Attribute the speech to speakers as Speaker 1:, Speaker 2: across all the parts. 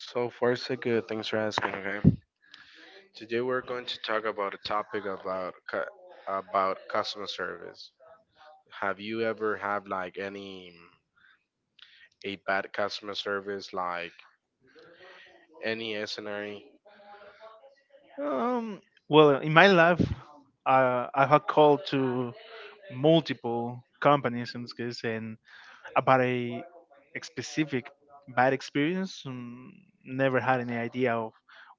Speaker 1: So far, so good. Thanks for asking. Okay. Today we're going to talk about a topic about about customer service. Have you ever had like any a bad customer service, like any scenario?
Speaker 2: Um, well, in my life, I have called to multiple companies in this case, and about a specific bad experience, never had any idea of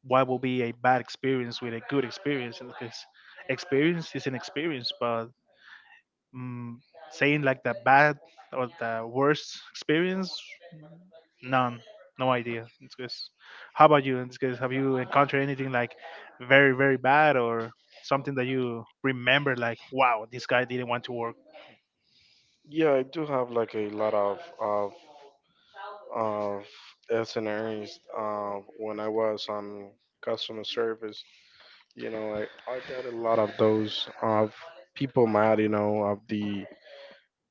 Speaker 2: what will be a bad experience with a good experience. In this case, experience is an experience, but um, saying like the bad or the worst experience. None. No idea. It's good. How about you? It's good. Have you encountered anything like very, very bad or something that you remember like, wow, this guy didn't want to work?
Speaker 1: Yeah, I do have like a lot of of scenarios when I was on customer service. You know, I got a lot of those of people mad, you know, of the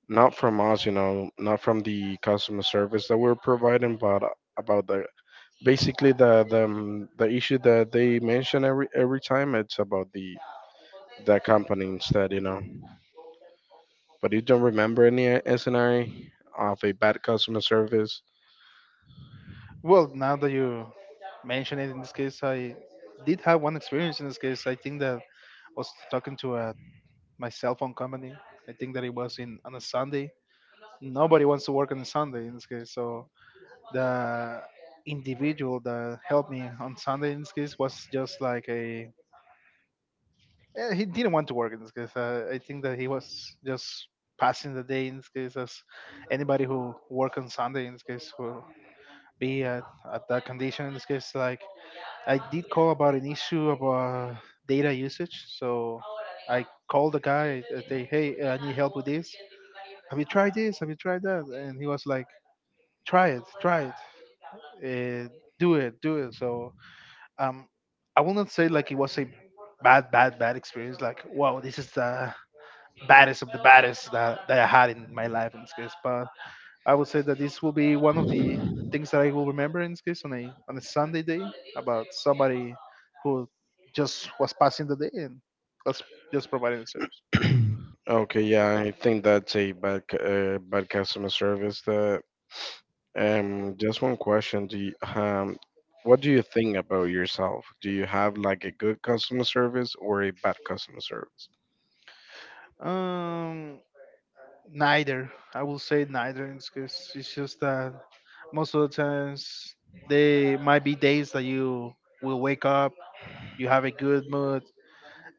Speaker 1: not from us, you know, not from the customer service that we're providing, but about the basically the the issue that they mention every time it's about the company instead, you know. But you don't remember any scenario of a bad customer service.
Speaker 2: Well, now that you mention it, in this case, I did have one experience in this case. I think that I was talking to a, my cell phone company. I think that it was in on a Sunday. Nobody wants to work on a Sunday in this case. So the individual that helped me on Sunday in this case was just like a. He didn't want to work in this case. I think that he was just passing the day in this case, as anybody who work on Sunday in this case will be at that condition in this case. Like, I did call about an issue about data usage, so I called the guy. I say, hey, I need help with this. Have you tried this? Have you tried that? And he was like, try it, uh, do it, do it. So um, I will not say like it was a bad, bad, bad experience. Like, wow, this is baddest of the baddest that I had in my life in this case. But I would say that this will be one of the things that I will remember in this case on a Sunday day about somebody who just was passing the day and was just providing the service.
Speaker 1: Okay, yeah, I think that's a bad customer service. That Just one question. What do you think about yourself? Do you have like a good customer service or a bad customer service?
Speaker 2: Um, Neither. I will say neither in this case. It's just that most of the times there might be days that you will wake up, you have a good mood,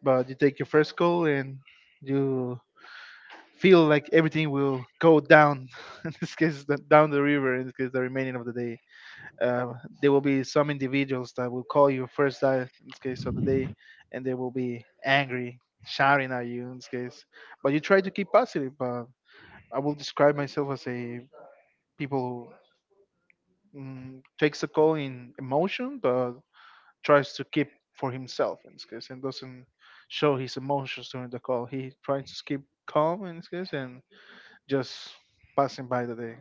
Speaker 2: but you take your first call and you feel like everything will go down in this case the, down the river in this case the remaining of the day. uh, there will be some individuals that will call you first time in this case of the day, and they will be angry, shouting at you in this case, but you try to keep positive. But I will describe myself as a people who takes a call in emotion but tries to keep for himself in this case and doesn't show his emotions during the call. He tries to keep calm in this case and just passing by the day.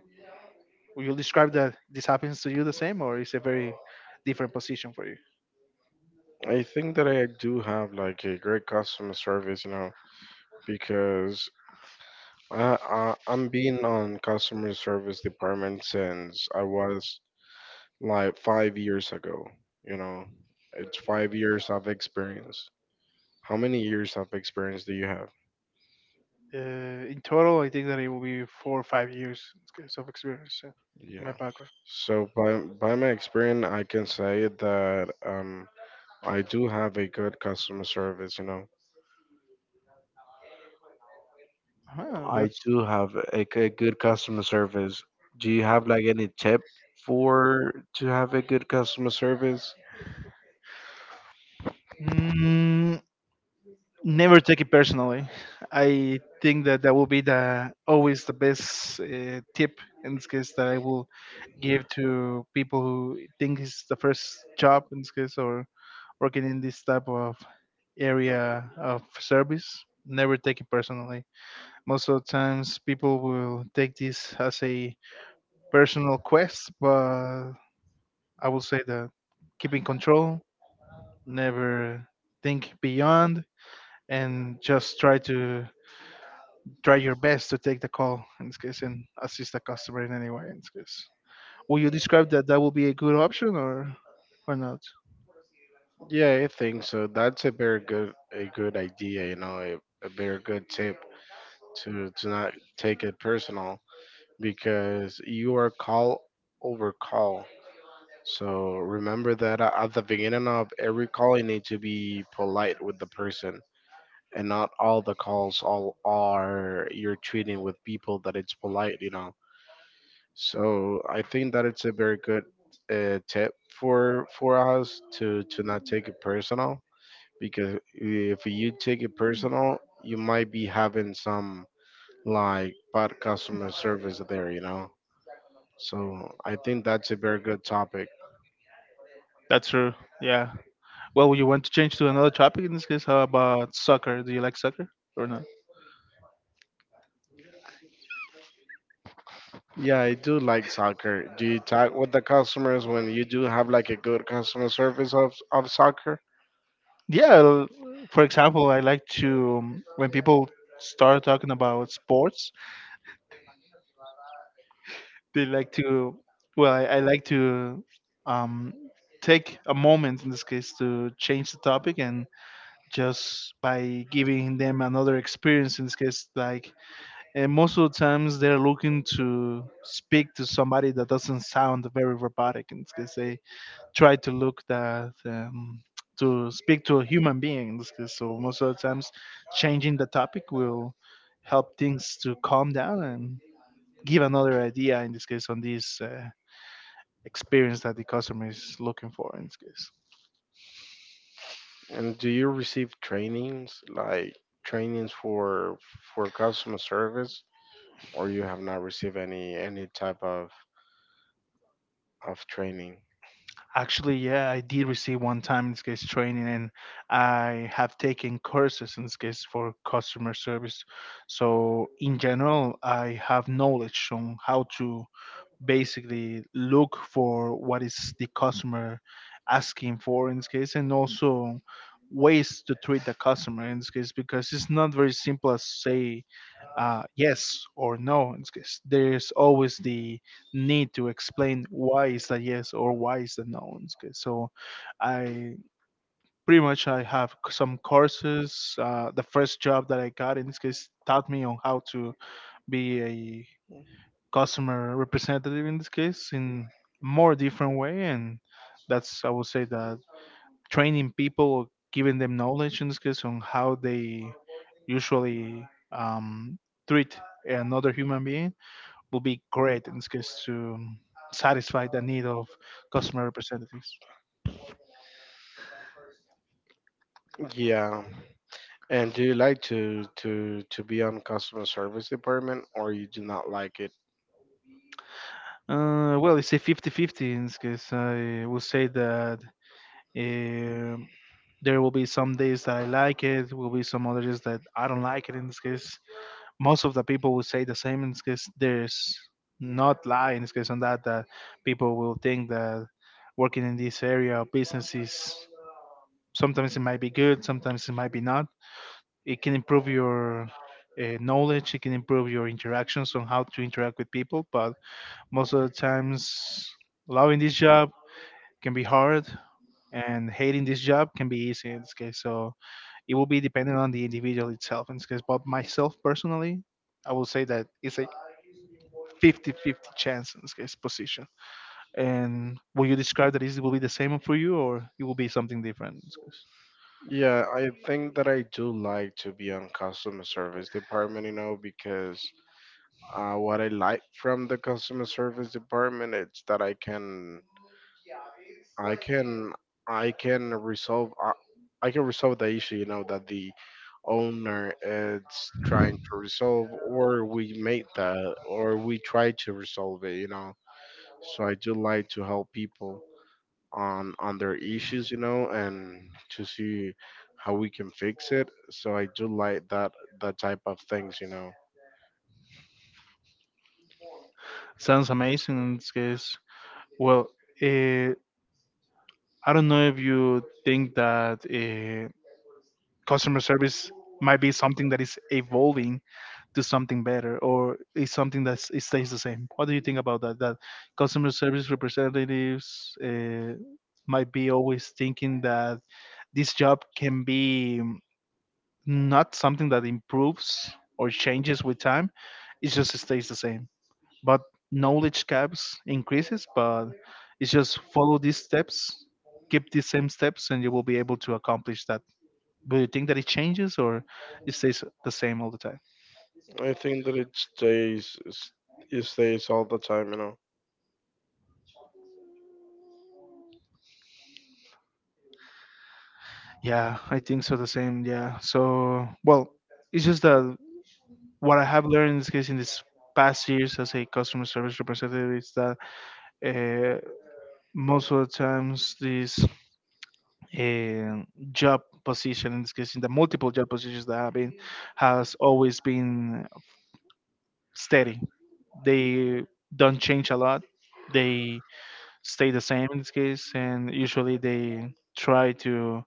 Speaker 2: Will you describe that this happens to you the same, or is a very different position for you?
Speaker 1: I think that I do have like a great customer service, you know, because I I'm been on customer service department since I was like 5 years ago. You know, it's 5 years of experience. How many years of experience do you have?
Speaker 2: In total, I think that it will be 4 or 5 years in case of experience, in my
Speaker 1: Yeah.
Speaker 2: background.
Speaker 1: So by my experience, I can say that I do have a good customer service. You know,
Speaker 2: Uh-huh,
Speaker 1: I
Speaker 2: that's.
Speaker 1: do have a good customer service. Do you have like any tip for to have a good customer service?
Speaker 2: Mm, never take it personally. I think that that will be the always the best tip in this case that I will give to people who think it's the first job in this case or working in this type of area of service. Never take it personally. Most of the times, people will take this as a personal quest, but I will say that keep in control, never think beyond, and just try to try your best to take the call in this case and assist the customer in any way in this case. Will you describe that that would be a good option or not?
Speaker 1: Yeah, I think so. That's a very good a good idea, you know, a very good tip to not take it personal because you are call over call. So remember that at the beginning of every call, you need to be polite with the person, and not all the calls all are you're treating with people that it's polite, you know. So I think that it's a very good tip for us to not take it personal because if you take it personal, you might be having some like bad customer service there, you know. So I think that's a very good topic.
Speaker 2: That's true. Yeah. Well, would you want to change to another topic in this case? How about soccer? Do you like soccer or not?
Speaker 1: Yeah, I do like soccer. Do you talk with the customers when you do have like a good customer service of soccer?
Speaker 2: Yeah. For example, I like to when people start talking about sports, they like to. Well, I like to um, take a moment in this case to change the topic and just by giving them another experience in this case, like, and most of the times they're looking to speak to somebody that doesn't sound very robotic in this case. They try to look that to speak to a human being in this case, so most of the times changing the topic will help things to calm down and give another idea in this case on this experience that the customer is looking for in this case.
Speaker 1: And do you receive trainings like trainings for customer service, or you have not received any type of training?
Speaker 2: Actually, yeah, I did receive one time in this case training, and I have taken courses in this case for customer service. So, in general, I have knowledge on how to basically look for what is the customer asking for in this case, and also ways to treat the customer in this case, because it's not very simple as say yes or no. It's 'cause there's always the need to explain why is that yes or why is that no. So I pretty much some courses. The first job that I got in this case taught me on how to be a customer representative in this case in more different way, and that's, I would say that training people, giving them knowledge in this case on how they usually treat another human being will be great in this case to satisfy the need of customer representatives?
Speaker 1: Yeah. And do you like to to be on customer service department or you do not like it?
Speaker 2: Well, it's a 50-50 in this case. I will say that uh, there will be some days that I like it, will be some other days that I don't like it in this case. Most of the people will say the same in this case. There's not lie in this case on that that people will think that working in this area of business is, sometimes it might be good, sometimes it might be not. It can improve your knowledge, it can improve your interactions on how to interact with people, but most of the times loving this job can be hard and hating this job can be easy in this case, so it will be dependent on the individual itself in this case. But myself personally, I will say that it's a 50-50 chance in this case position, and will you describe that it will be the same for you or it will be something different in this case?
Speaker 1: Yeah, I think that I do like to be on customer service department, you know, because what I like from the customer service department it's that I can I can resolve uh, I can resolve the issue, you know, that the owner is trying to resolve or we make that or we try to resolve it, you know. So I do like to help people on their issues, you know, and to see how we can fix it. So I do like that that type of things, you know.
Speaker 2: Sounds amazing in this case. Well, uh, I don't know if you think that customer service might be something that is evolving to something better, or is something that it stays the same. What do you think about that? That customer service representatives might be always thinking that this job can be not something that improves or changes with time; it just stays the same, but knowledge gaps increases, but it's just follow these steps, keep these same steps and you will be able to accomplish that. Do you think that it changes or it stays the same all the time?
Speaker 1: I think that it stays all the time, you know.
Speaker 2: Yeah, I think so, the same, yeah. So well, it's just that what I have learned in this case in this past years as a customer service representative is that uh, most of the times this uh, job position in this case in the multiple job positions that I've been has always been steady. They don't change a lot. They stay the same in this case, and usually they try to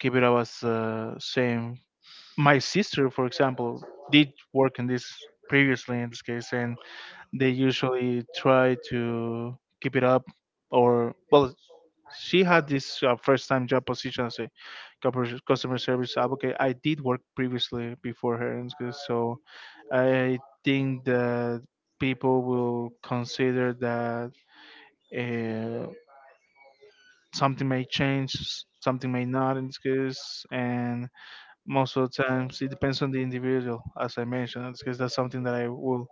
Speaker 2: keep it up as same. My sister, for example, did work in this previously in this case, and they usually try to keep it up, or well, she had this first time job position as a customer service advocate. I did work previously before her, and so I think that people will consider that uh, something may change, something may not in this case, and most of the times it depends on the individual, as I mentioned. In this case, that's something that I would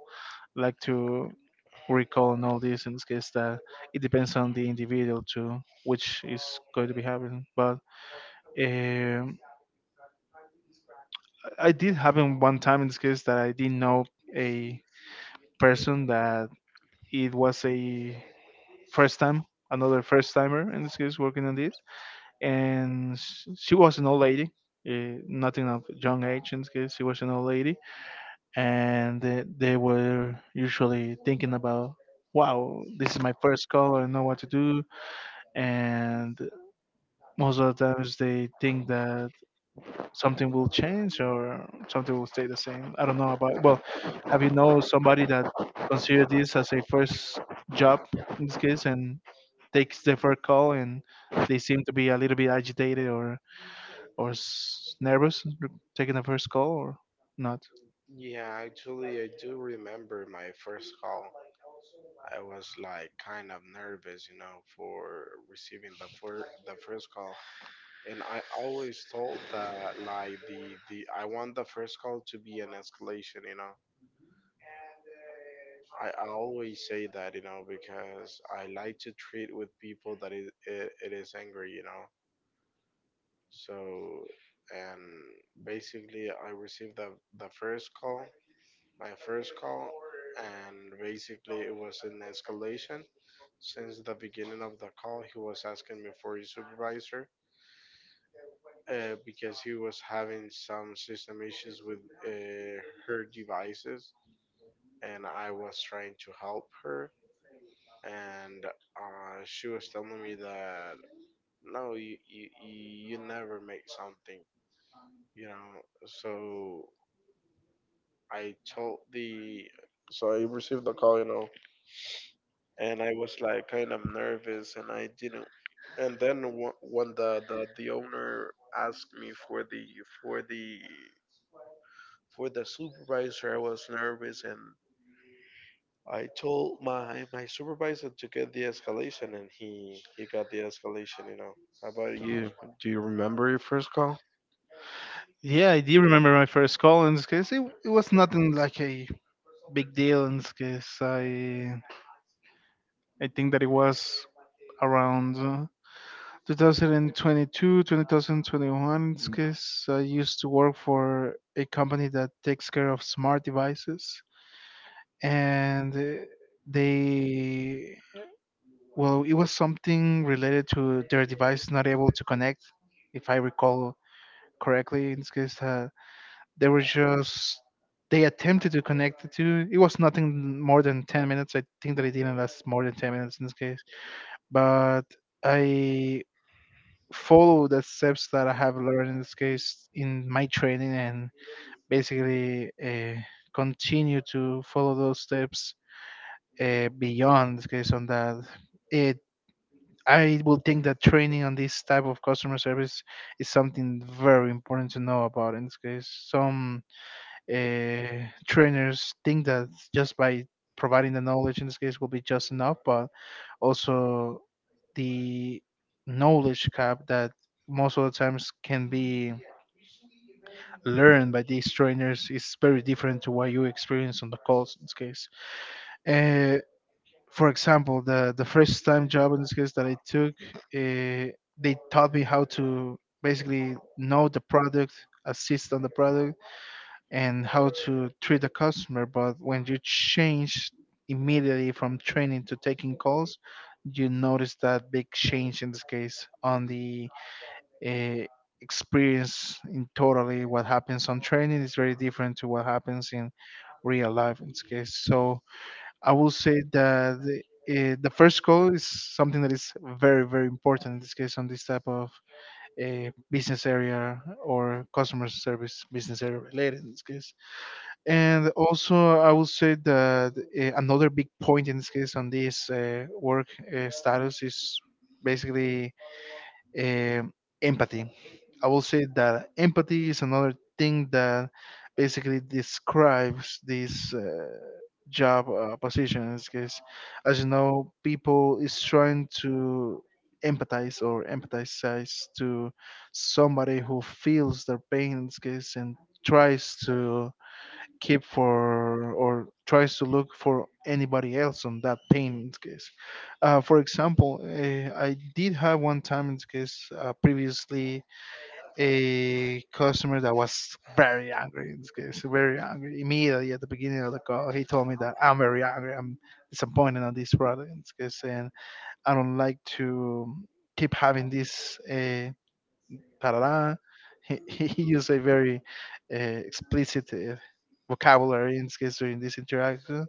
Speaker 2: like to recall and all this in this case, that it depends on the individual too, which is going to be happening. But um, I did happen one time in this case that I didn't know a person that it was a first time, another first timer in this case working on this, and she was an old lady, nothing of young age in this case. She was an old lady, and they were usually thinking about, wow, this is my first call, I don't know what to do, and most of the times they think that something will change or something will stay the same. I don't know about. Well, have you know somebody that considered this as a first job in this case and takes the first call and they seem to be a little bit agitated or or nervous taking the first call or not?
Speaker 1: Yeah, actually, I do remember my first call. I was like kind of nervous, you know, for receiving the the first call. And I always told that like the I want the first call to be an escalation, you know. I always say that, you know, because I like to treat with people that it is angry, you know. So, and basically, I received the first call, my first call, and basically it was an escalation. Since the beginning of the call, he was asking me for his supervisor. Because he was having some system issues with uh, her devices, and I was trying to help her. And she was telling me that no, you you never make something, you know. So I told the so I received the call, you know, and I was like kind of nervous, and I didn't. And then when the owner asked me for the for the for the supervisor. I was nervous and I told my supervisor to get the escalation, and he got the escalation. You know. How about you? Do you remember your first call?
Speaker 2: Yeah, I do remember my first call in this case. It was nothing like a big deal in this case. I think that it was around 2022, 2021, because I used to work for a company that takes care of smart devices. And they, well, it was something related to their device not able to connect, if I recall correctly. In this case, they were just, they attempted to connect the two. It was nothing more than 10 minutes. I think that it didn't last more than 10 minutes in this case. But I follow the steps that I have learned in this case in my training and basically continue to follow those steps beyond this case on that. It, I would think that training on this type of customer service is something very important to know about in this case. Some trainers think that just by providing the knowledge in this case will be just enough, but also the knowledge gap that most of the times can be learned by these trainers is very different to what you experience on the calls in this case. Uh, for example, the first time job in this case that I took, uh, they taught me how to basically know the product, assist on the product, and how to treat the customer. But when you change immediately from training to taking calls, you notice that big change in this case on the uh, experience in totally what happens on training is very different to what happens in real life in this case. So I will say that the first goal is something that is very very important in this case on this type of business area or customer service business area related in this case. And also I will say that another big point in this case on this work status is basically um, empathy. I will say that empathy is another thing that basically describes this job position. Because, as you know, people is trying to empathize or empathize to somebody who feels their pain in this case and tries to keep for or tries to look for anybody else on that pain in this case. For example, I did have one time in this case previously a customer that was very angry in this case, very angry. Immediately at the beginning of the call, he told me that I'm very angry, I'm disappointed on this product in this case, and I don't like to keep having this. Tarara. He used a very uh, explicit vocabulary in this case during this interaction,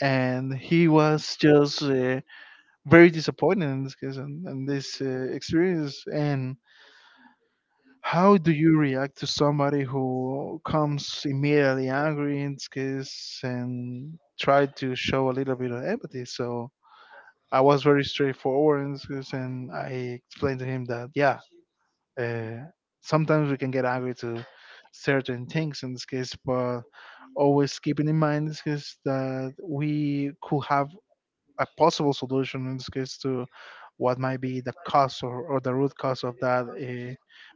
Speaker 2: and he was just very disappointed in this case and this experience. And how do you react to somebody who comes immediately angry in this case and try to show a little bit of empathy? So I was very straightforward in this case, and I explained to him that yeah, Uh, sometimes we can get angry to certain things in this case, but always keeping in mind in this case that we could have a possible solution in this case to what might be the cause or the root cause of that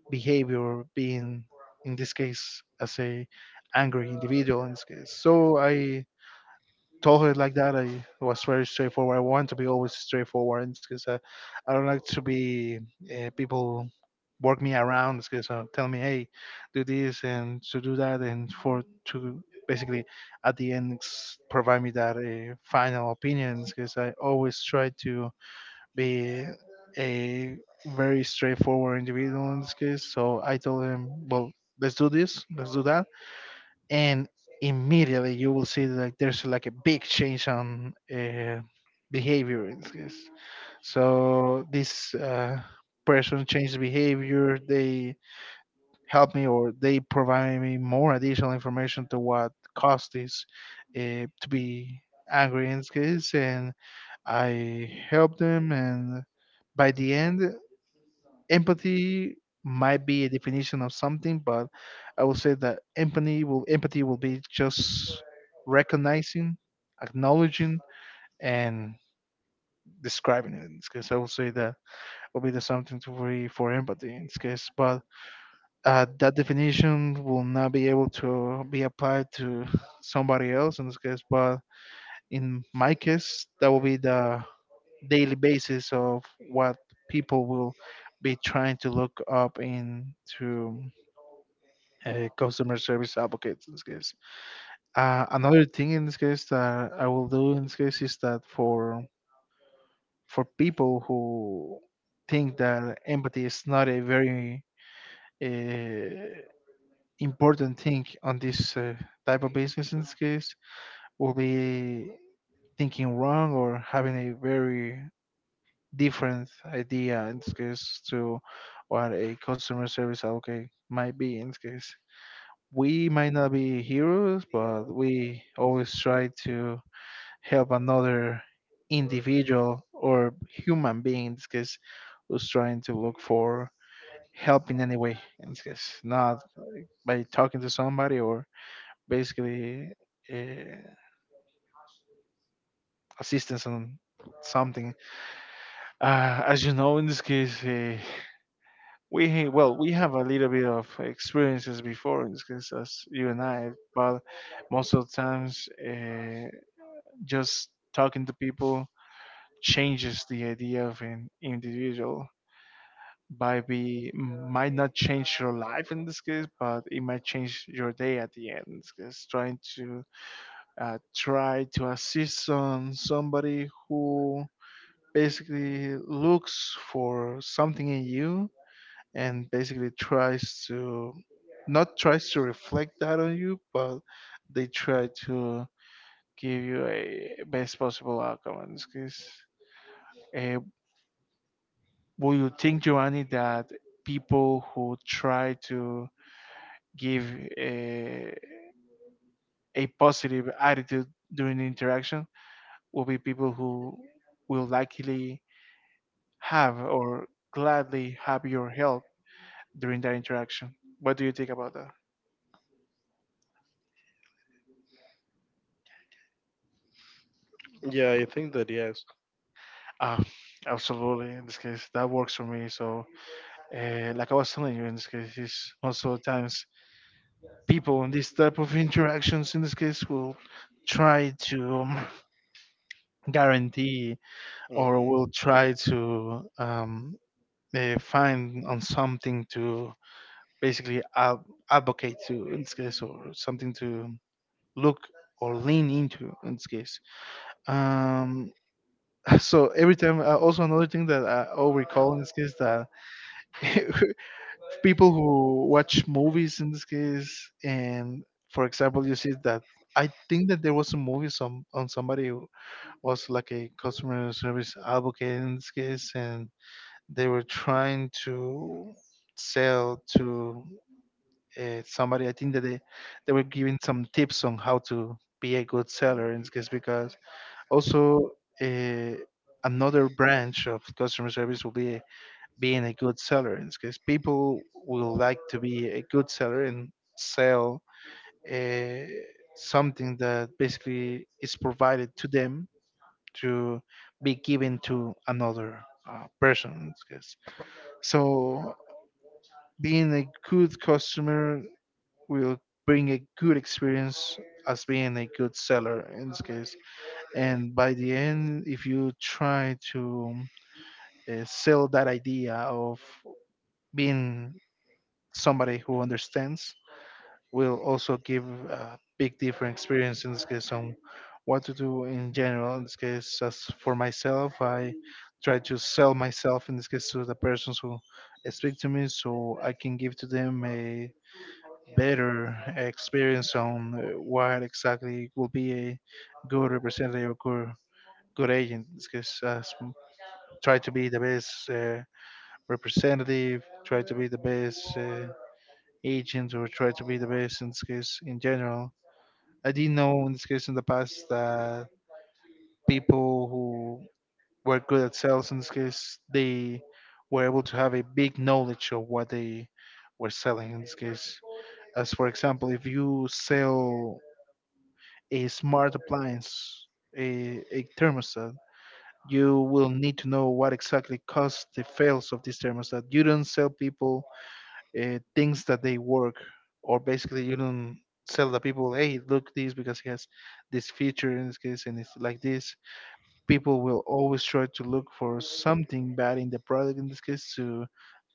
Speaker 2: behavior being in this case as a angry individual in this case so I told her like that. I was very straightforward. I want to be always straightforward because I don't like to be people work me around because tell me, hey, do this and to do that and for to basically at the end s- provide me that final opinions because I always try to be a very straightforward individual in this case. So I told him, well, let's do this, let's do that and immediately you will see like there's like a big change on behavior. So this person changed behavior. They help me or they provide me more additional information to what caused this to be angry in this case, and I help them. And by the end empathy might be a definition of something, but I would say that empathy will be just recognizing, acknowledging, and describing it. In this case, I would say that will be the something to be for empathy in this case. But that definition will not be able to be applied to somebody else in this case. But in my case, that will be the daily basis of what people will be trying to look up into customer service advocates in this case. Another thing in this case that I will do in this case is that for people who think that empathy is not a very uh, important thing on this type of business in this case will be thinking wrong or having a very different idea in this case to what a customer service advocate might be in this case we might not be heroes, but we always try to help another individual or human being in this case who's trying to look for help in any way in this case, not by talking to somebody or basically uh, assistance on something. As you know, in this case, we we have a little bit of experiences before in this case, as you and I, but most of the times. Just talking to people changes the idea of an individual by be might not change your life in this case but it might change your day at the end in this case trying to try to assist on somebody who basically looks for something in you and basically tries to not tries to reflect that on you but they try to give you a best possible outcome in this case. Uh, would you think, Giovanni, that people who try to give a, a positive attitude during the interaction will be people who will likely have or gladly have your help during that interaction? What do you think about that?
Speaker 1: Yeah, I think that yes.
Speaker 2: Uh, Absolutely. In this case, that works for me. So, like I was telling you, in this case, is also of times people in this type of interactions, in this case, will try to guarantee
Speaker 1: Hmm.
Speaker 2: or will try to find on something to basically advocate to in this case or something to look or lean into in this case um, so every time also another thing that I all recall in this case that people who watch movies in this case and for example you see that I think that there was a movie some on somebody who was like a customer service advocate in this case and they were trying to sell to somebody. I think that they were giving some tips on how to be a good seller in this case because also uh, another branch of customer service will be being a good seller in this case. People will like to be a good seller and sell uh, something that basically is provided to them to be given to another person in this case. So being a good customer will bring a good experience as being a good seller in this case. And by the end, if you try to sell that idea of being somebody who understands, will also give a big different experience in this case on what to do in general. In this case, as for myself, I try to sell myself in this case to the persons who speak to me so I can give to them a better experience on what exactly will be a good representative or good, good agent. Because try to be the best representative, try to be the best agent, or try to be the best in this case in general. I didn't know in this case in the past that people who were good at sales in this case they were able to have a big knowledge of what they were selling in this case as for example if you sell a smart appliance, a thermostat, you will need to know what exactly caused the fails of this thermostat. You don't sell people things that they work, or basically you don't sell the people, hey, look this because it has this feature in this case and it's like this. People will always try to look for something bad in the product in this case to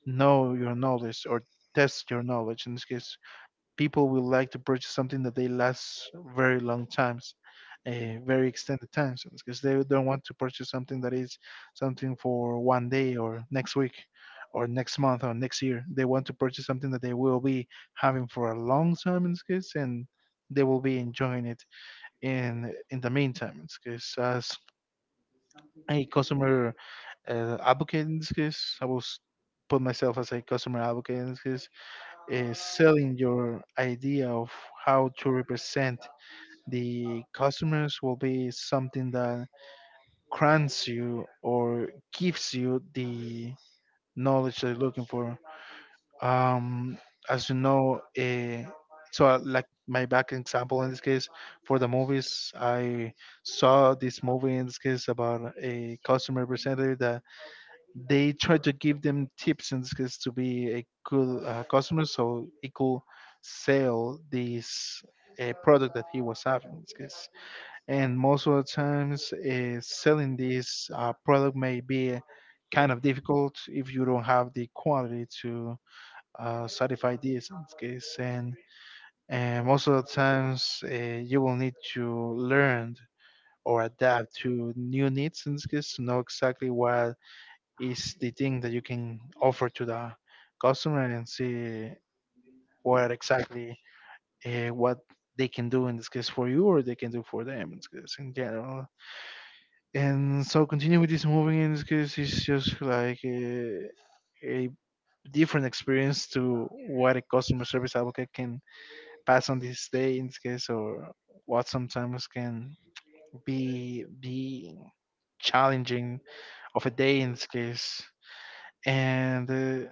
Speaker 2: know your knowledge or test your knowledge in this case people will like to purchase something that they last very long times, very extended times, because they don't want to purchase something that is something for one day or next week or next month or next year. They want to purchase something that they will be having for a long time in this case, and they will be enjoying it in the meantime. In this case, as a customer advocate in this case, put myself as a customer advocate in this case selling your idea of how to represent the customers will be something that grants you or gives you the knowledge they're looking for. Um, as you know, like my back example in this case for the movies, I saw this movie in this case about a customer representative that they try to give them tips in this case to be a good customer so he could sell this product that he was having in this case. And most of the times selling this product may be kind of difficult if you don't have the quality to satisfy this in this case, and most of the times you will need to learn or adapt to new needs in this case to know exactly what is the thing that you can offer to the customer, and see what exactly what they can do in this case for you or they can do for them in this case in general. And so continue with this movie in this case is just like a different experience to what a customer service advocate can pass on this day in this case, or what sometimes can be the challenging of a day in this case. And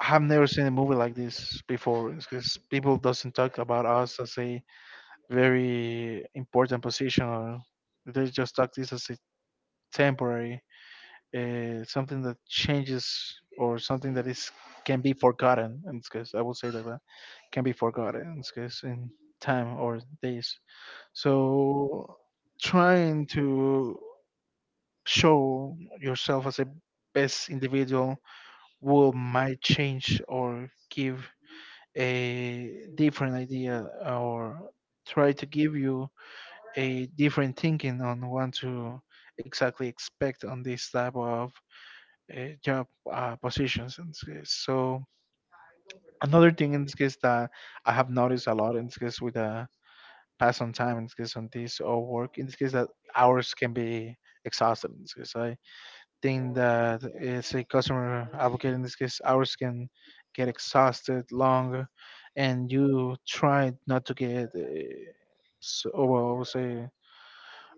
Speaker 2: I have never seen a movie like this before because people doesn't talk about us as a very important position. Or they just talk this as a temporary, something that changes or something that is can be forgotten. In this case, I would say that can be forgotten in this case in time or days. So trying to show yourself as a best individual will might change or give a different idea, or try to give you a different thinking on what to exactly expect on this type of job positions in this case. So another thing in this case that I have noticed a lot in this case with the pass on time in this case on this or work in this case, that hours can be exhausted in this case. I thing that is a customer advocate in this case ours can get exhausted longer, and you try not to get so well I would say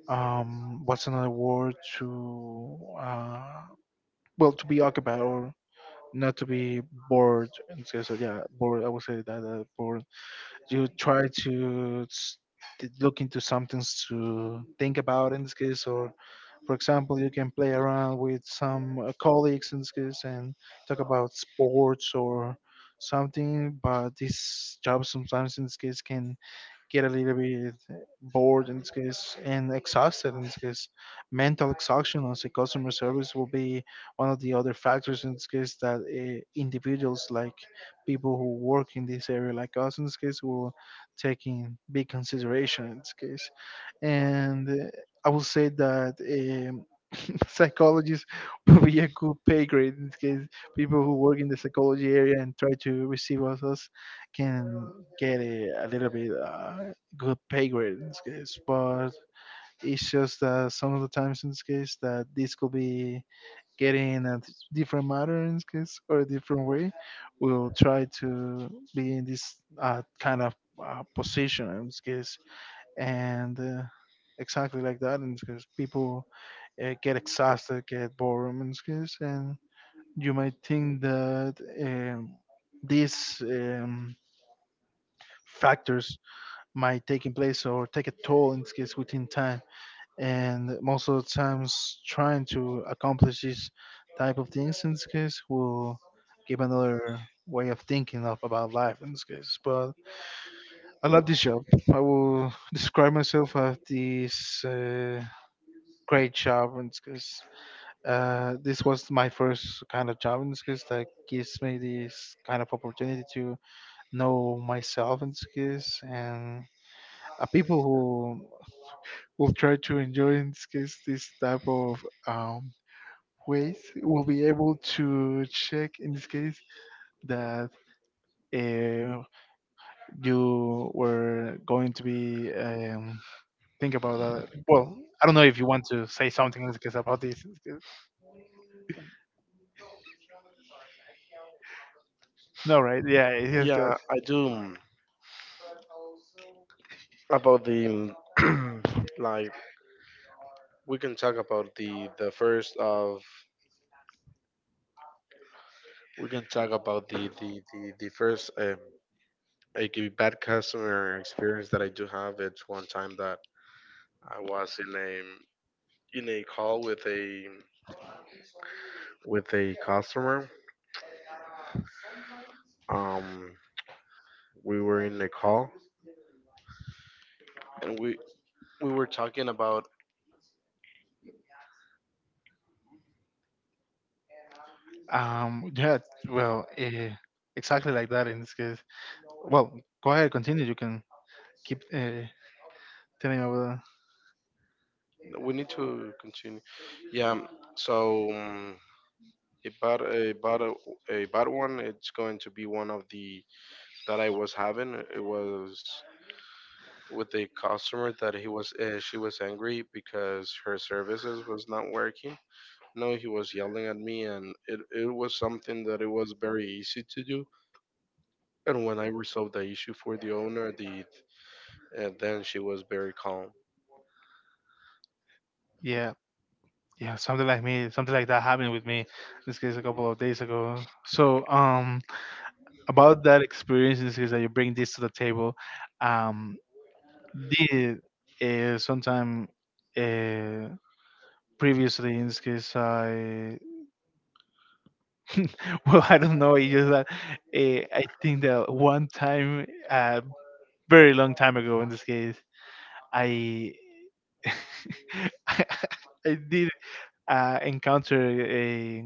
Speaker 2: what's another word to well, to be occupied or not to be bored. And this so yeah, bored, I would say that bored, you try to to look into something to think about in this case, or for example, you can play around with some colleagues in schools and talk about sports or something, but this job sometimes in this case can get a little bit bored in this case and exhausted in this case. Mental exhaustion as a customer service will be one of the other factors in this case that individuals like people who work in this area like us in this case will take in big consideration in this case. And I will say that psychologists will be a good pay grade in this case. People who work in the psychology area and try to receive us can get a little bit good pay grade in this case, but it's just that some of the times in this case that this could be getting a different matter in this case or a different way. We'll try to be in this kind of position in this case. And exactly like that. And because people get exhausted, get bored, and, and you might think that um, these factors might take in place or take a toll in this case within time. And most of the times, trying to accomplish these type of things in this case will give another way of thinking of about life in this case. But I love this job. I will describe myself as this. Great job, and because this was my first kind of job, and because that gives me this kind of opportunity to know myself and skills, and people who will try to enjoy in this case this type of ways will be able to check in this case that uh, you were going to be think about that. Well, I don't know if you want to say something in this case about this. No, right, yeah, it's
Speaker 1: Yeah,
Speaker 2: just
Speaker 1: I do. About the like, we can talk about the first of we can talk about the first like, bad customer experience that I do have. It's one time that I was in a call with a customer. Um, we were in a call and we were talking about
Speaker 2: Yeah, well, exactly like that in this case. Well, go ahead, continue. You can keep telling me about.
Speaker 1: we need to continue. Yeah. um, So a bad a bad one. It's going to be one of the that I was having. It was with a customer that he was she was angry because her services was not working. No, he was yelling at me, and it was something that it was very easy to do. And when I resolved the issue for the owner, the and then she was very calm.
Speaker 2: Yeah, yeah, something like me, something like that happened with me. This case a couple of days ago. So, about that experience, in this case that you bring this to the table, um, did sometime uh, previously in this case I well I don't know, it's just that I think that one time very long time ago in this case, I i, I did encounter a,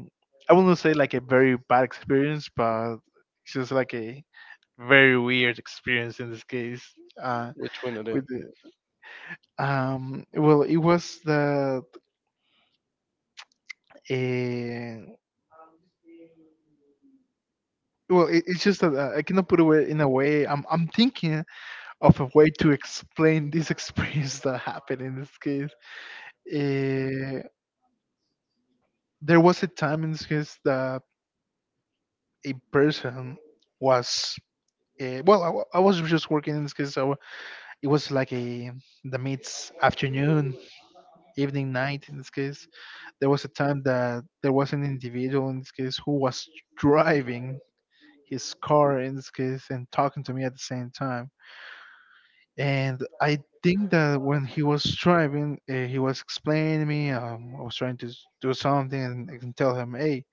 Speaker 2: I wouldn't say like a very bad experience, but it's just like a very weird experience in this case. uh
Speaker 1: Which one it is?
Speaker 2: with the, well it was that uh well it's just that I cannot put away in a way I'm thinking of a way to explain this experience that happened in this case. Uh, there was a time in this case that a person was well I was just working in this case, so it was like a the mid's afternoon evening night in this case. There was a time that there was an individual in this case who was driving his car in this case and talking to me at the same time. And I think that when he was driving, he was explaining to me, I was trying to do something, and I can tell him, hey,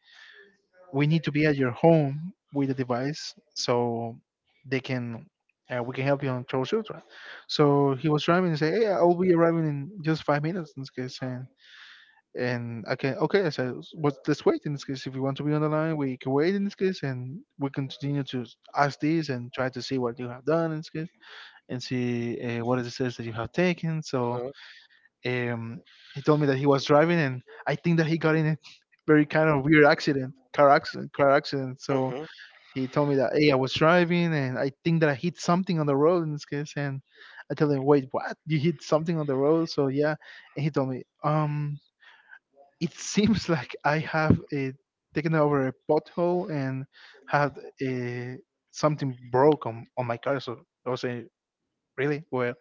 Speaker 2: we need to be at your home with the device so they can we can help you on troubleshooter. So he was driving and say, "Hey, I'll be arriving in just 5 minutes." In this case, and I can okay. I said, "What? Let's wait." In this case, if you want to be on the line, we can wait. In this case, and we continue to ask this and try to see what you have done. In this case, and see what it says that you have taken. So
Speaker 1: Uh-huh.
Speaker 2: um, he told me that he was driving, and I think that he got in a very kind of weird accident, car accident, car accident. So
Speaker 1: Uh-huh.
Speaker 2: he told me that, hey, I was driving and I think that I hit something on the road in this case. And I told him, wait, what? You hit something on the road? So yeah. And he told me, it seems like I have taken over a pothole and had uh, something broke on my car. So I was saying, really? Well,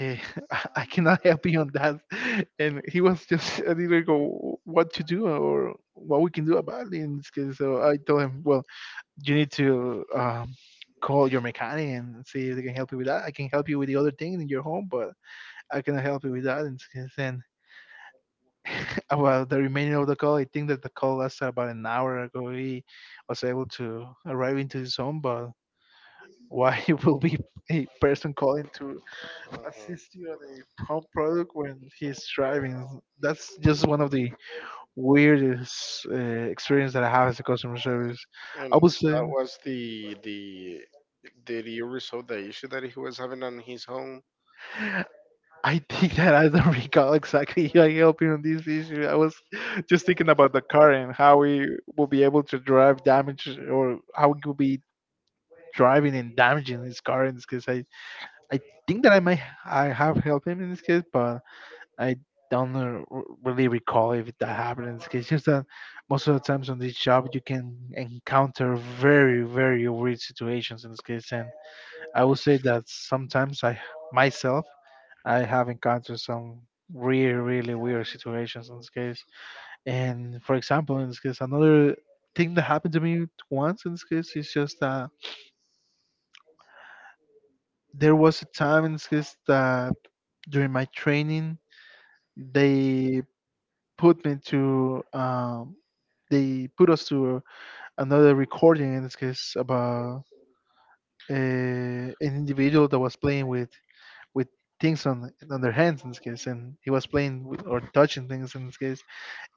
Speaker 2: uh, I cannot help you on that. And he was just, I didn't go, what to do or what we can do about it in this case. So I told him, well, you need to call your mechanic and see if they can help you with that. I can help you with the other things in your home, but I cannot help you with that. And then about the remaining of the call, I think that the call was about an hour ago. He was able to arrive into his home, but why will be a person calling to assist you on a home product when he's driving? That's just one of the
Speaker 1: Uh-huh.
Speaker 2: weirdest experience that I have as a customer service. I
Speaker 1: And
Speaker 2: would say.
Speaker 1: that was the did you resolve the issue that he was having on his home?
Speaker 2: I think that I don't recall exactly how I helped you on this issue. I was just thinking about the car and how we will be able to drive damage or how we could be driving and damaging his car in this case. I think that I might I have helped him in this case, but I don't really recall if that happened in this case. Just that most of the times on this job you can encounter very very weird situations in this case, and I will say that sometimes I myself I have encountered some really, really weird situations in this case. And for example, in this case, another thing that happened to me once in this case is just that there was a time in this case that during my training, they put me to, um, they put us to another recording in this case about an individual that was playing with things on their hands in this case, and he was playing with, or touching things in this case,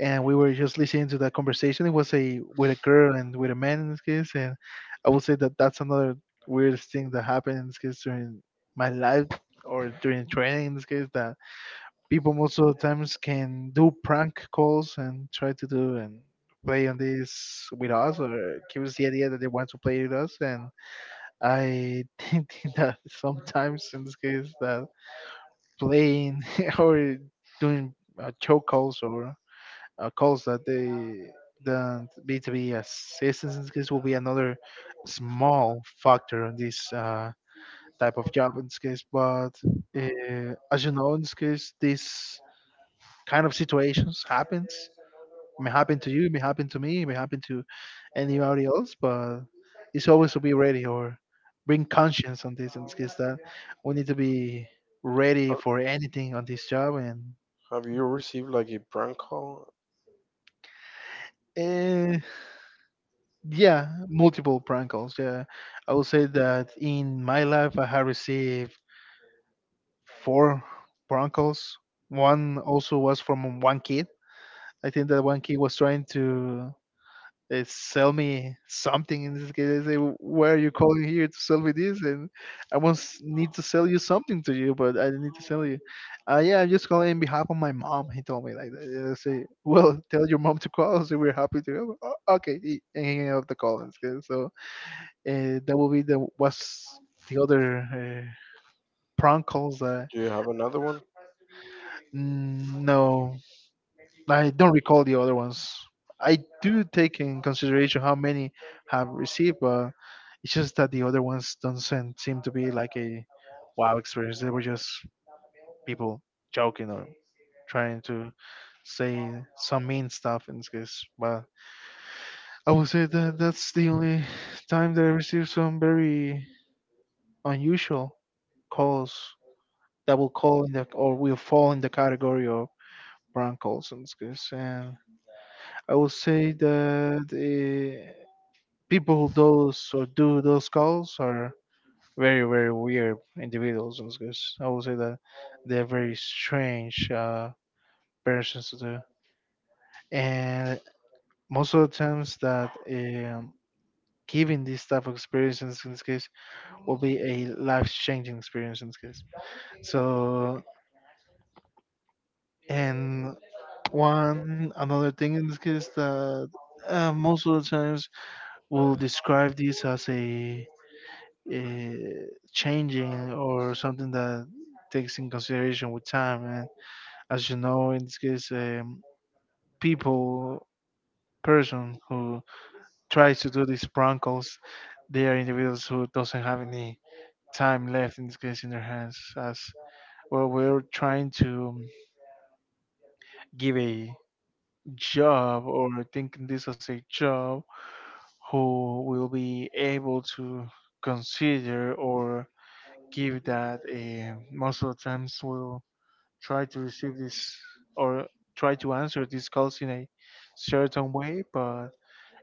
Speaker 2: and we were just listening to that conversation. It was a with a girl and with a man in this case, and I would say that that's another weirdest thing that happened in this case during my life or during training in this case that people most of the times can do prank calls and try to do and play on this with us or give us the idea that they want to play with us and I think that sometimes in this case that playing or doing choke calls or calls that they the B2B assistance in this case will be another small factor in this type of job in this case. But as you know, in this case, this kind of situations happens. It may happen to you, it may happen to me, it may happen to anybody else. But it's always to be ready or bring conscience on this. In this case, that we need to be ready
Speaker 1: Have
Speaker 2: for anything on this job and.
Speaker 1: have you received like a prank call?
Speaker 2: eh, Yeah, multiple prank calls. Yeah, I would say that in my life I have received four prank calls. One also was from one kid. I think that one kid was trying to sell me something. In this case, they say, "Why are you calling here to sell me this?" And I once need to sell you something to you, but I need to sell you. Yeah, I'm just calling in behalf of my mom. He told me like that. I say, "Well, tell your mom to call. So we're happy to help." "Oh, okay," and he hang up the call. In this case. So that would be the what's the other prank calls that.
Speaker 1: Do you have another one?
Speaker 2: Mm, no, I don't recall the other ones. I do take in consideration how many have received, but it's just that the other ones don't seem to be like a wow experience. They were just people joking or trying to say some mean stuff in this case. But I would say that that's the only time that I received some very unusual calls that will call in the or will fall in the category of Brian Colson's case. And I will say that the people who does or do those calls are very very weird individuals in this case. I will say that they're very strange persons to do and most of the times that giving this type of experience in this case will be a life changing experience in this case so and one another thing in this case that most of the times we'll describe this as a changing or something that takes in consideration with time. And as you know, in this case, people, person who tries to do these prank calls, they are individuals who doesn't have any time left in this case in their hands. As well, we're trying to give a job or thinking this as a job who will be able to consider or give that most of the times will try to receive this or try to answer these calls in a certain way but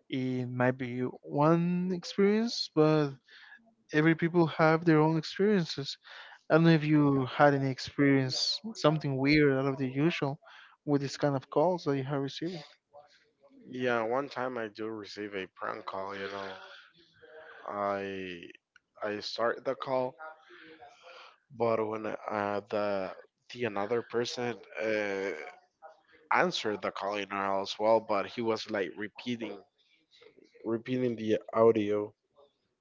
Speaker 2: it might be one experience but every people have their own experiences. I don't know if you had any experience something weird out of the usual with this kind of calls that you have received.
Speaker 1: Yeah, one time I do receive a prank call, you know. I I start the call, but when the another person answered the calling as well, but he was like repeating the audio,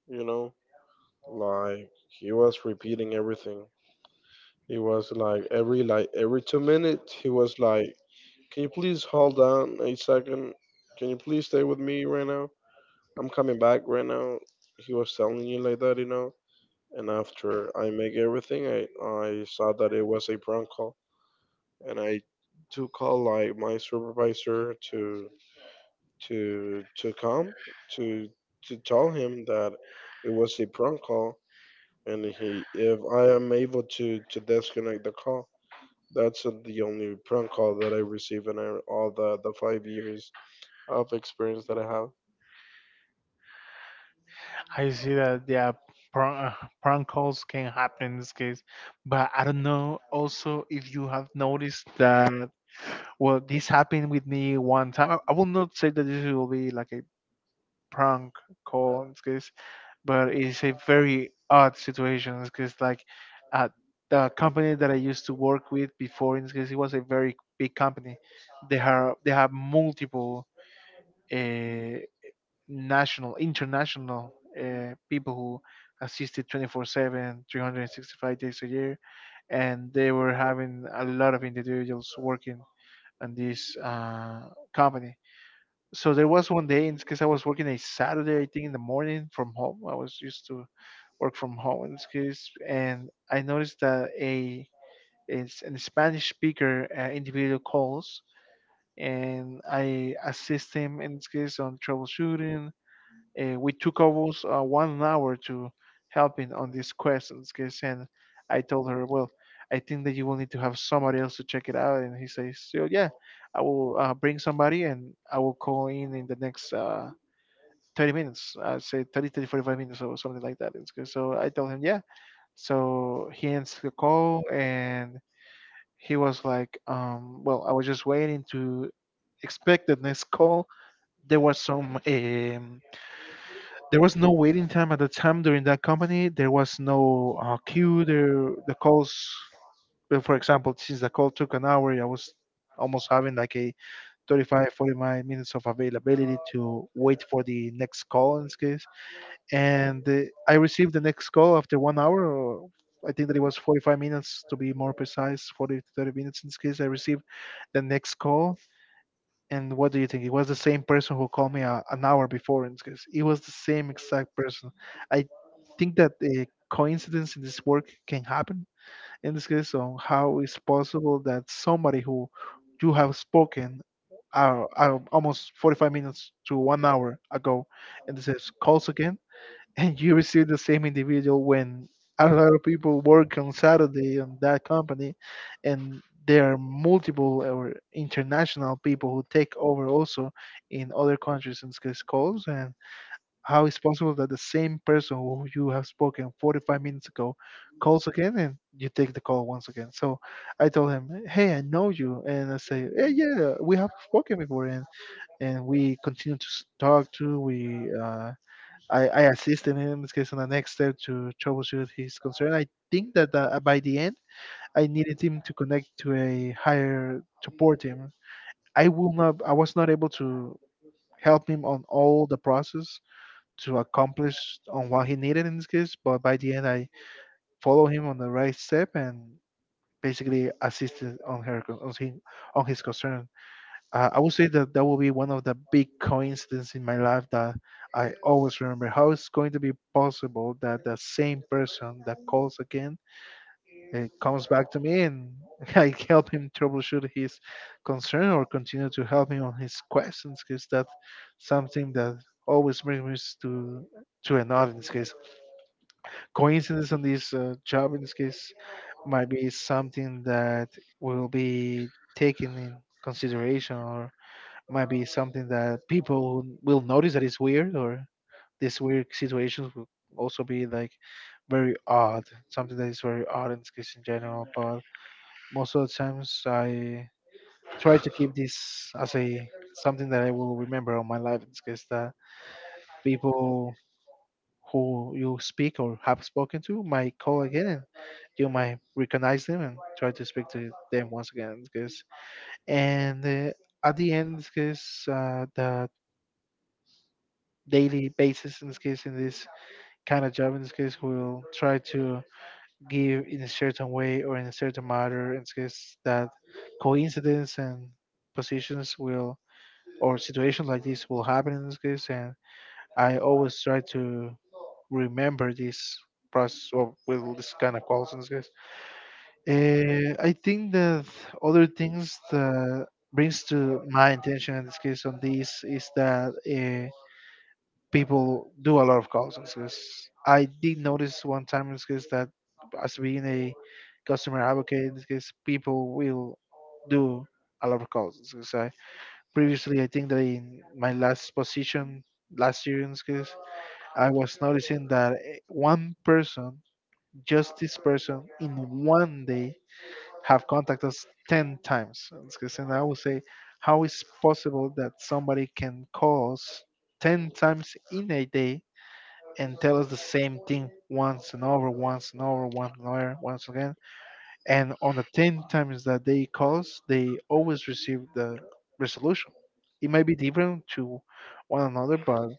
Speaker 1: you know, like he was repeating everything. He was like every 2 minutes, he was like, "Can you please hold on a second? Can you please stay with me right now? I'm coming back right now." He was telling you like that, you know. And after I make everything, I saw that it was a prank call, and I took call like my supervisor to to come to to tell him that it was a prank call and he if I am able to disconnect the call. That's the only prank call that I receive in all the 5 years of experience that I have.
Speaker 2: I see that, yeah, prank, prank calls can happen in this case, but I don't know also if you have noticed that well this happened with me one time. I will not say that this will be like a prank call in this case, but it's a very odd situation because like uh, the company that I used to work with before in this case it was a very big company. They have multiple. Uh, national, international people who assisted 24/7, 365 days a year, and they were having a lot of individuals working on this company. So there was one day, because I was working a Saturday, I think in the morning from home. I was used to work from home in this case, and I noticed that a is an Spanish speaker individual calls, and I assist him in this case on troubleshooting. We took almost 1 hour to helping on these questions, guys, and I told her, well, I think that you will need to have somebody else to check it out. And he says, so, yeah, I will bring somebody and I will call in the next 30 minutes. I say 30, 30, 45 minutes or something like that. It's good. So I told him, yeah. So he ends the call and he was like, well, I was just waiting to expect the next call. There was some there was no waiting time at the time during that company. There was no queue. There, the calls, well, for example, since the call took an hour, I was almost having like a 35, 45 minutes of availability to wait for the next call in this case. And I received the next call after 1 hour. Or I think that it was 45 minutes to be more precise, 40 to 30 minutes in this case. I received the next call and what do you think? It was the same person who called me an hour before. In this case, it was the same exact person. I think that a coincidence in this work can happen in this case. So how is possible that somebody who you have spoken almost 45 minutes to 1 hour ago, and this is calls again and you receive the same individual when a lot of people work on Saturday on that company, and there are multiple or international people who take over also in other countries and these calls. And how is possible that the same person who you have spoken 45 minutes ago calls again and you take the call once again? So I told him, "Hey, I know you," and I say, "Yeah, yeah, we have spoken before," and we continue to talk to we. I assisted him in case on the next step to troubleshoot his concern. I think that by the end, I needed him to connect to a higher support team. I will not. I was not able to help him on all the process to accomplish on what he needed in this case. But by the end, I follow him on the right step and basically assisted on his concern. I would say that that will be one of the big coincidences in my life that I always remember. How it's going to be possible that the same person that calls again comes back to me and I help him troubleshoot his concern or continue to help him on his questions? Because that's something that always brings me to an odd in this case. Coincidence on this job in this case might be something that will be taken in consideration or might be something that people who will notice that it's weird or these weird situations will also be like very odd, something that is very odd in this case in general but most of the times I try to keep this as a something that I will remember all my life in this case that people who you speak or have spoken to might call again and you might recognize them and try to speak to them once again in this case and at the end in this case the daily basis in this case in this kind of job in this case will try to give in a certain way or in a certain manner in this case that coincidence and positions will or situations like this will happen in this case and I always try to remember this process or with this kind of calls in this case. I think that other things that brings to my attention in this case on this is that people do a lot of calls on sales. I did notice one time in sales that as being a customer advocate in this case, people will do a lot of calls. So I, previously, I think that in my last position last year in this case, I was noticing that one person, just this person, in one day have contacted us 10 times. In this case, and I would say, how is possible that somebody can call us 10 times in a day and tell us the same thing once and over, once and over, once and over, once again. And on the 10 times that they call us, they always receive the resolution. It might be different to one another, but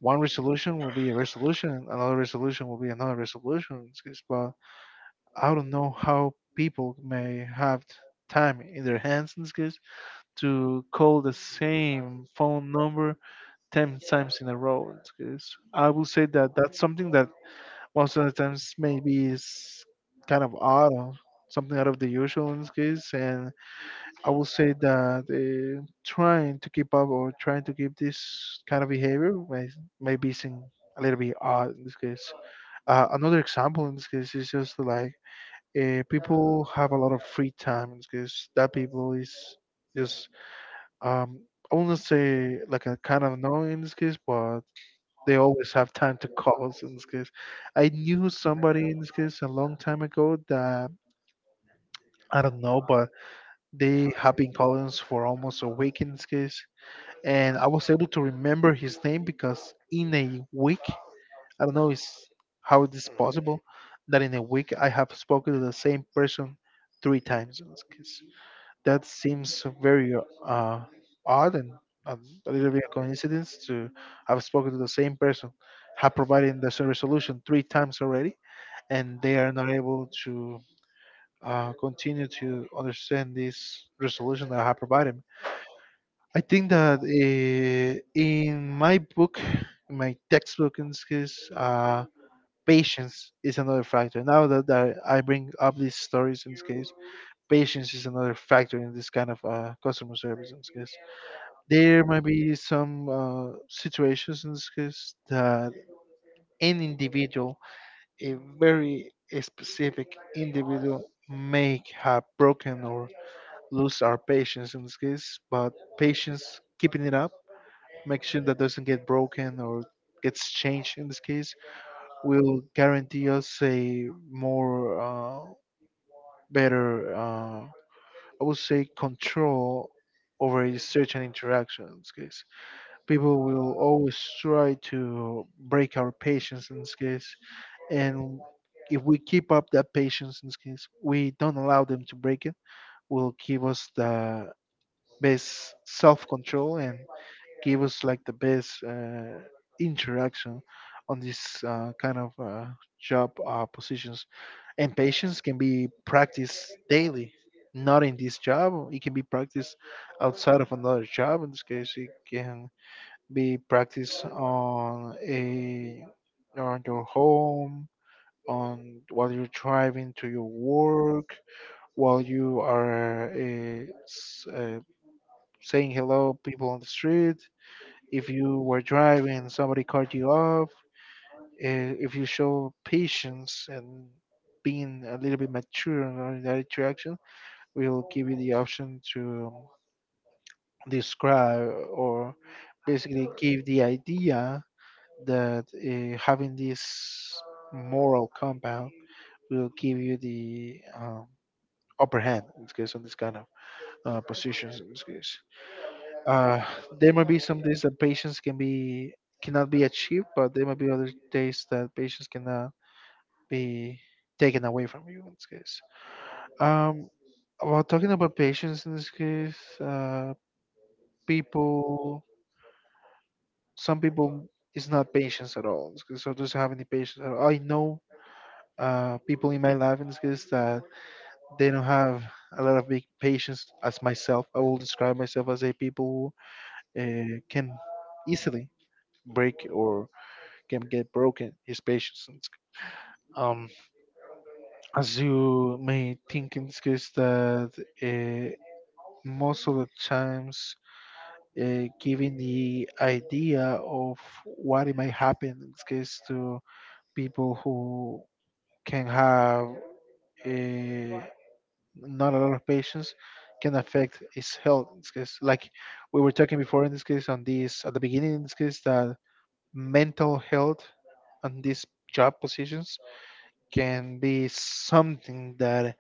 Speaker 2: one resolution will be a resolution, and another resolution will be another resolution, in this case. But I don't know how people may have time in their hands in this case to call the same phone number 10 times in a row, in this case. I will say that that's something that most of the times, maybe it's kind of odd or something out of the usual in this case. And I will say that trying to keep up or trying to keep this kind of behavior maybe seem a little bit odd in this case. Another example in this case is just like people have a lot of free time in this case. That people is just um, I wouldn't say like a kind of no in this case, but they always have time to call us in this case. I knew somebody in this case a long time ago that I don't know, but they have been calling us for almost a week in this case. And I was able to remember his name because in a week, I don't know is how it is possible that in a week I have spoken to the same person three times in this case. That seems very uh, odd and a, a little bit of coincidence to have spoken to the same person, have provided the same resolution three times already, and they are not able to continue to understand this resolution that I have provided. I think that in my book, in my textbook, in this case, patience is another factor. Now that I bring up these stories, in this case, patience is another factor in this kind of customer service in this case. There might be some situations in this case that an individual, a very specific individual, may have broken or lose our patience in this case, but patience, keeping it up, make sure that doesn't get broken or gets changed in this case, will guarantee us a more better, I would say, control over a certain interaction in this case. People will always try to break our patience in this case. And if we keep up that patience in this case, we don't allow them to break it, will give us the best self control and give us like the best interaction on this kind of job positions. And patience can be practiced daily. Not in this job, it can be practiced outside of another job. In this case, it can be practiced on a on your home, on while you're driving to your work, while you are saying hello people on the street. If you were driving and somebody cut you off, if you show patience and being a little bit mature in that interaction, we'll give you the option to describe or basically give the idea that having this moral compound will give you the upper hand in this case on this kind of positions in this case. uh, there might be some days that patience cannot be achieved, but there might be other days that patience cannot be taken away from you in this case. um, while talking about patience in this case, people some people, it's not patience at all, so doesn't have any patience at all. I know people in my life in this case that they don't have a lot of big patience as myself. I will describe myself as a people who can easily break or can get broken his patience in this. um, as you may think in this case that uh, most of the times giving the idea of what it might happen in this case to people who can have uh, not a lot of patients can affect his health in this case, like we were talking before in this case on this at the beginning in this case, that mental health on these job positions can be something that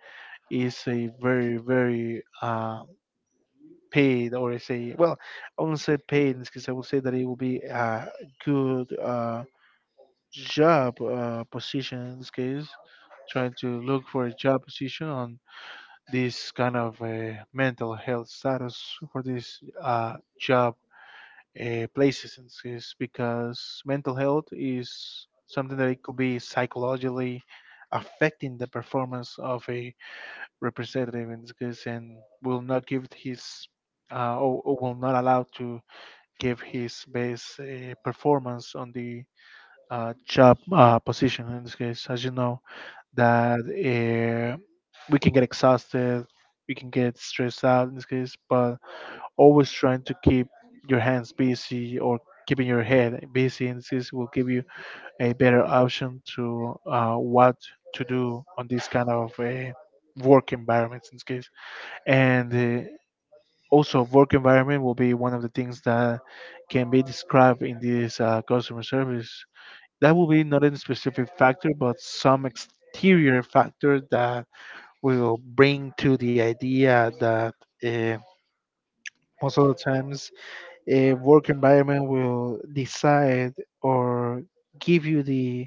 Speaker 2: is a very very paid, or I say, well, I won't say paid in this case, I would say that it will be a good job position in this case, trying to look for a job position on this kind of mental health status for these job places. And is because mental health is something that it could be psychologically affecting the performance of a representative in this case, and will not give his or will not allow to give his best performance on the job position in this case, as you know that uh, we can get exhausted, we can get stressed out in this case, but always trying to keep your hands busy or keeping your head busy in this case will give you a better option to what to do on this kind of work environments in this case. And uh, also, work environment will be one of the things that can be described in this customer service. That will be not a specific factor, but some exterior factor that will bring to the idea that uh, most of the times a work environment will decide or give you the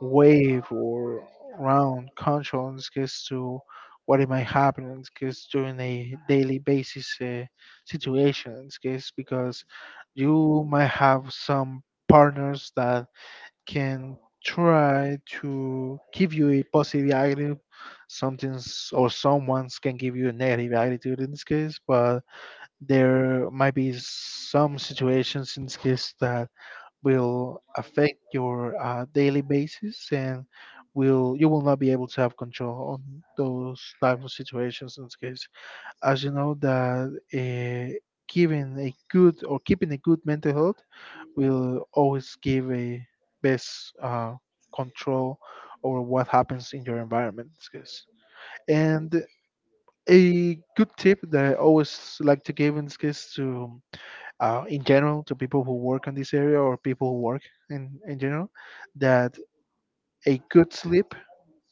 Speaker 2: wave or round control in this case to what it might happen in this case during a daily basis situation in this case, because you might have some partners that can try to give you a positive attitude. Something's or someone's can give you a negative attitude in this case, but there might be some situations in this case that will affect your daily basis, and will you will not be able to have control on those type of situations in this case, as you know that giving a good or keeping a good mental health will always give a best control over what happens in your environment in this case. And a good tip that I always like to give in this case in general, to people who work in this area or people who work in general, that a good sleep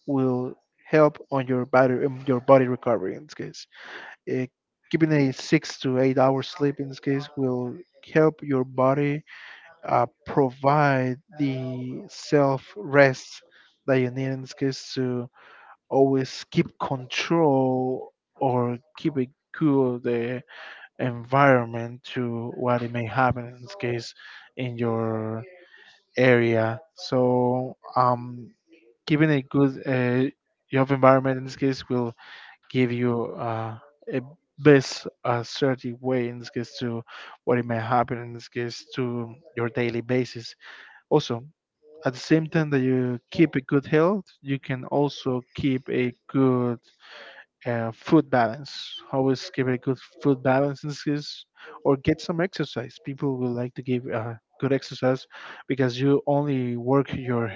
Speaker 2: will help on your body recovery in this case. Uh, Keeping a 6 to 8 hours sleep in this case will help your body provide the self rest that you need in this case to always keep control or keep a cool the environment to what it may happen in this case in your area. So keeping a good job environment in this case will give you a best certain way in this case to what it may happen in this case to your daily basis. Also, at the same time that you keep a good health, you can also keep a good food balance. Always keep a good food balance in this case, or get some exercise. People will like to give good exercise because you only work your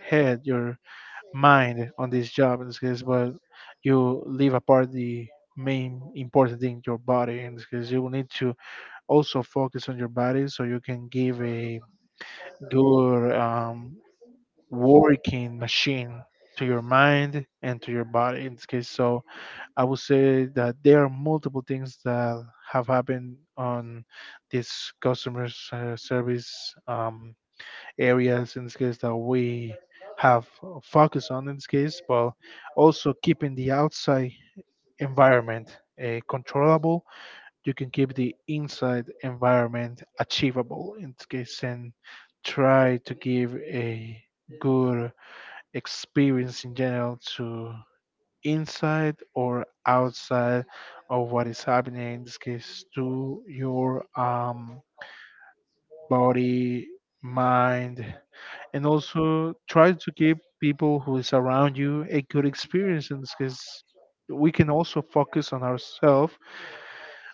Speaker 2: head, your mind on this job in this case, but you leave apart the main important thing, your body, in this case. You will need to also focus on your body so you can give a good working machine to your mind and to your body in this case. So I would say that there are multiple things that have happened on this customer service areas in this case that we have focused on in this case, but also keeping the outside environment controllable. You can keep the inside environment achievable in this case and try to give a good experience in general to inside or outside of what is happening in this case to your body, mind, and also try to give people who is around you a good experience in this case. We can also focus on ourselves,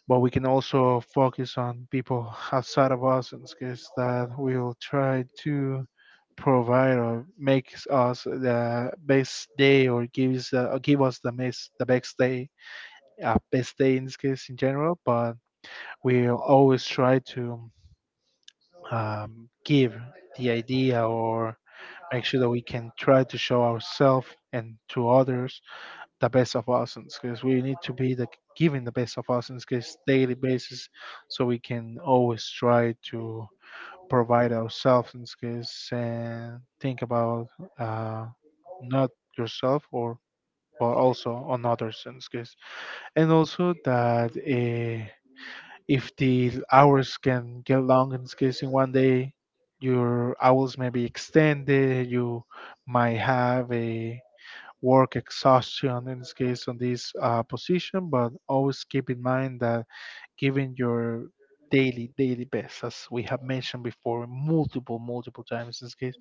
Speaker 2: but we can also focus on people outside of us in this case that will try to provide or make us the best day, or gives or give us the best day in this case in general. But we always try to give the idea or make sure that we can try to show ourselves and to others the best of ourselves, because we need to be the giving the best of ourselves because daily basis. So we can always try to provide ourselves in skills and think about uh, not yourself, or but also on others in skills. And also that if the hours can get long in skills in one day, your hours may be extended. You might have a work exhaustion in this case on this position, but always keep in mind that giving your daily, daily best, as we have mentioned before multiple, multiple times in this case,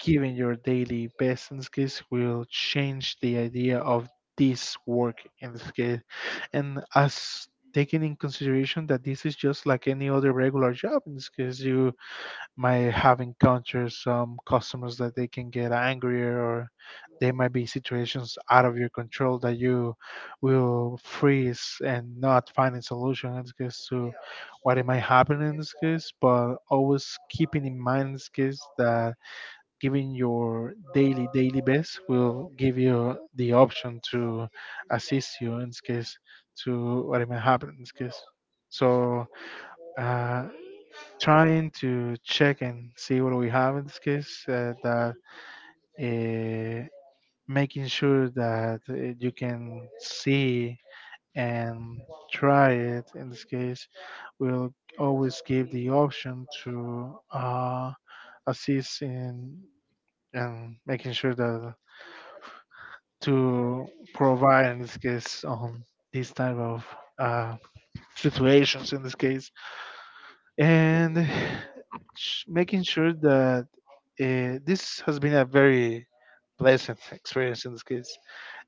Speaker 2: giving your daily best in this case will change the idea of this work in this case. And as taking in consideration that this is just like any other regular job in this case, you might have encountered some customers that they can get angrier, or they might be situations out of your control that you will freeze and not find a solution in this case to what it might happen in this case. But always keeping in mind in this case that giving your daily daily best will give you the option to assist you in this case to what it might happen in this case. So uh, trying to check and see what we have in this case, that uh, making sure that you can see and try it in this case, we will always give the option to assist in, and making sure that to provide in this case on these type of uh, situations in this case, and making sure that this has been a very pleasant experience in this case.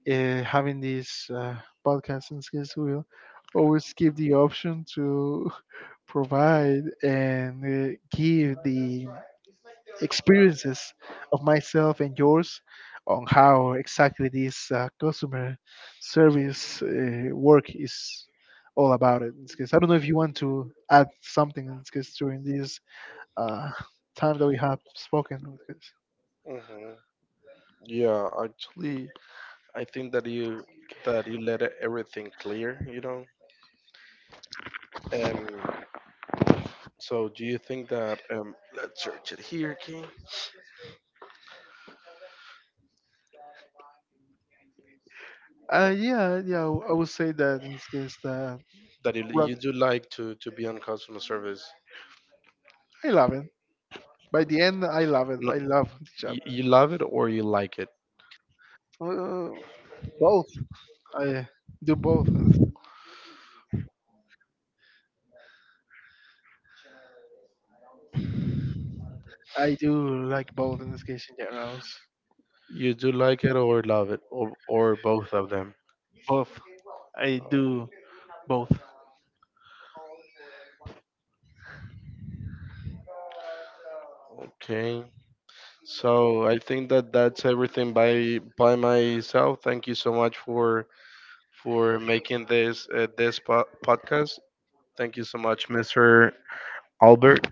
Speaker 2: Having this podcast in this case will always give the option to provide and give the experiences of myself and yours on how exactly this customer service work is all about it in this case. I don't know if you want to add something in this case during this uh, time that we have spoken, in this case.
Speaker 1: Hmm. Yeah, actually, I think that you let everything clear, you know. Um, so do you think that let's search it here, okay?
Speaker 2: Yeah, yeah, I would say that in this case, the
Speaker 1: That you,
Speaker 2: rug,
Speaker 1: you do like to be on customer service?
Speaker 2: I love it. By the end, I love it.
Speaker 1: No,
Speaker 2: I love the job.
Speaker 1: you love it or you like it?
Speaker 2: Uh, Both, I do both. I do like both in this case in general.
Speaker 1: You do like it or love it or both of them?
Speaker 2: Both, I do both.
Speaker 1: Okay. So I think that that's everything by myself. Thank you so much for making this this podcast. Thank you so much, Mr. Albert.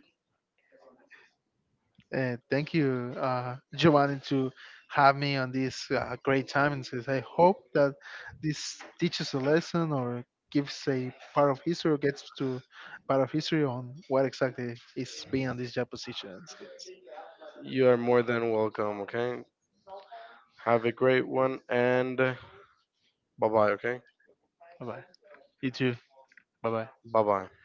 Speaker 2: Thank you, Giovanni, to have me on this great time. And since I hope that this teaches a lesson or gives a part of history or gets to part of history on what exactly is being on this job position. It's good.
Speaker 1: You are more than welcome. Okay, have a great one, and bye bye. Okay,
Speaker 2: Bye bye. You too. Bye bye.
Speaker 1: bye bye.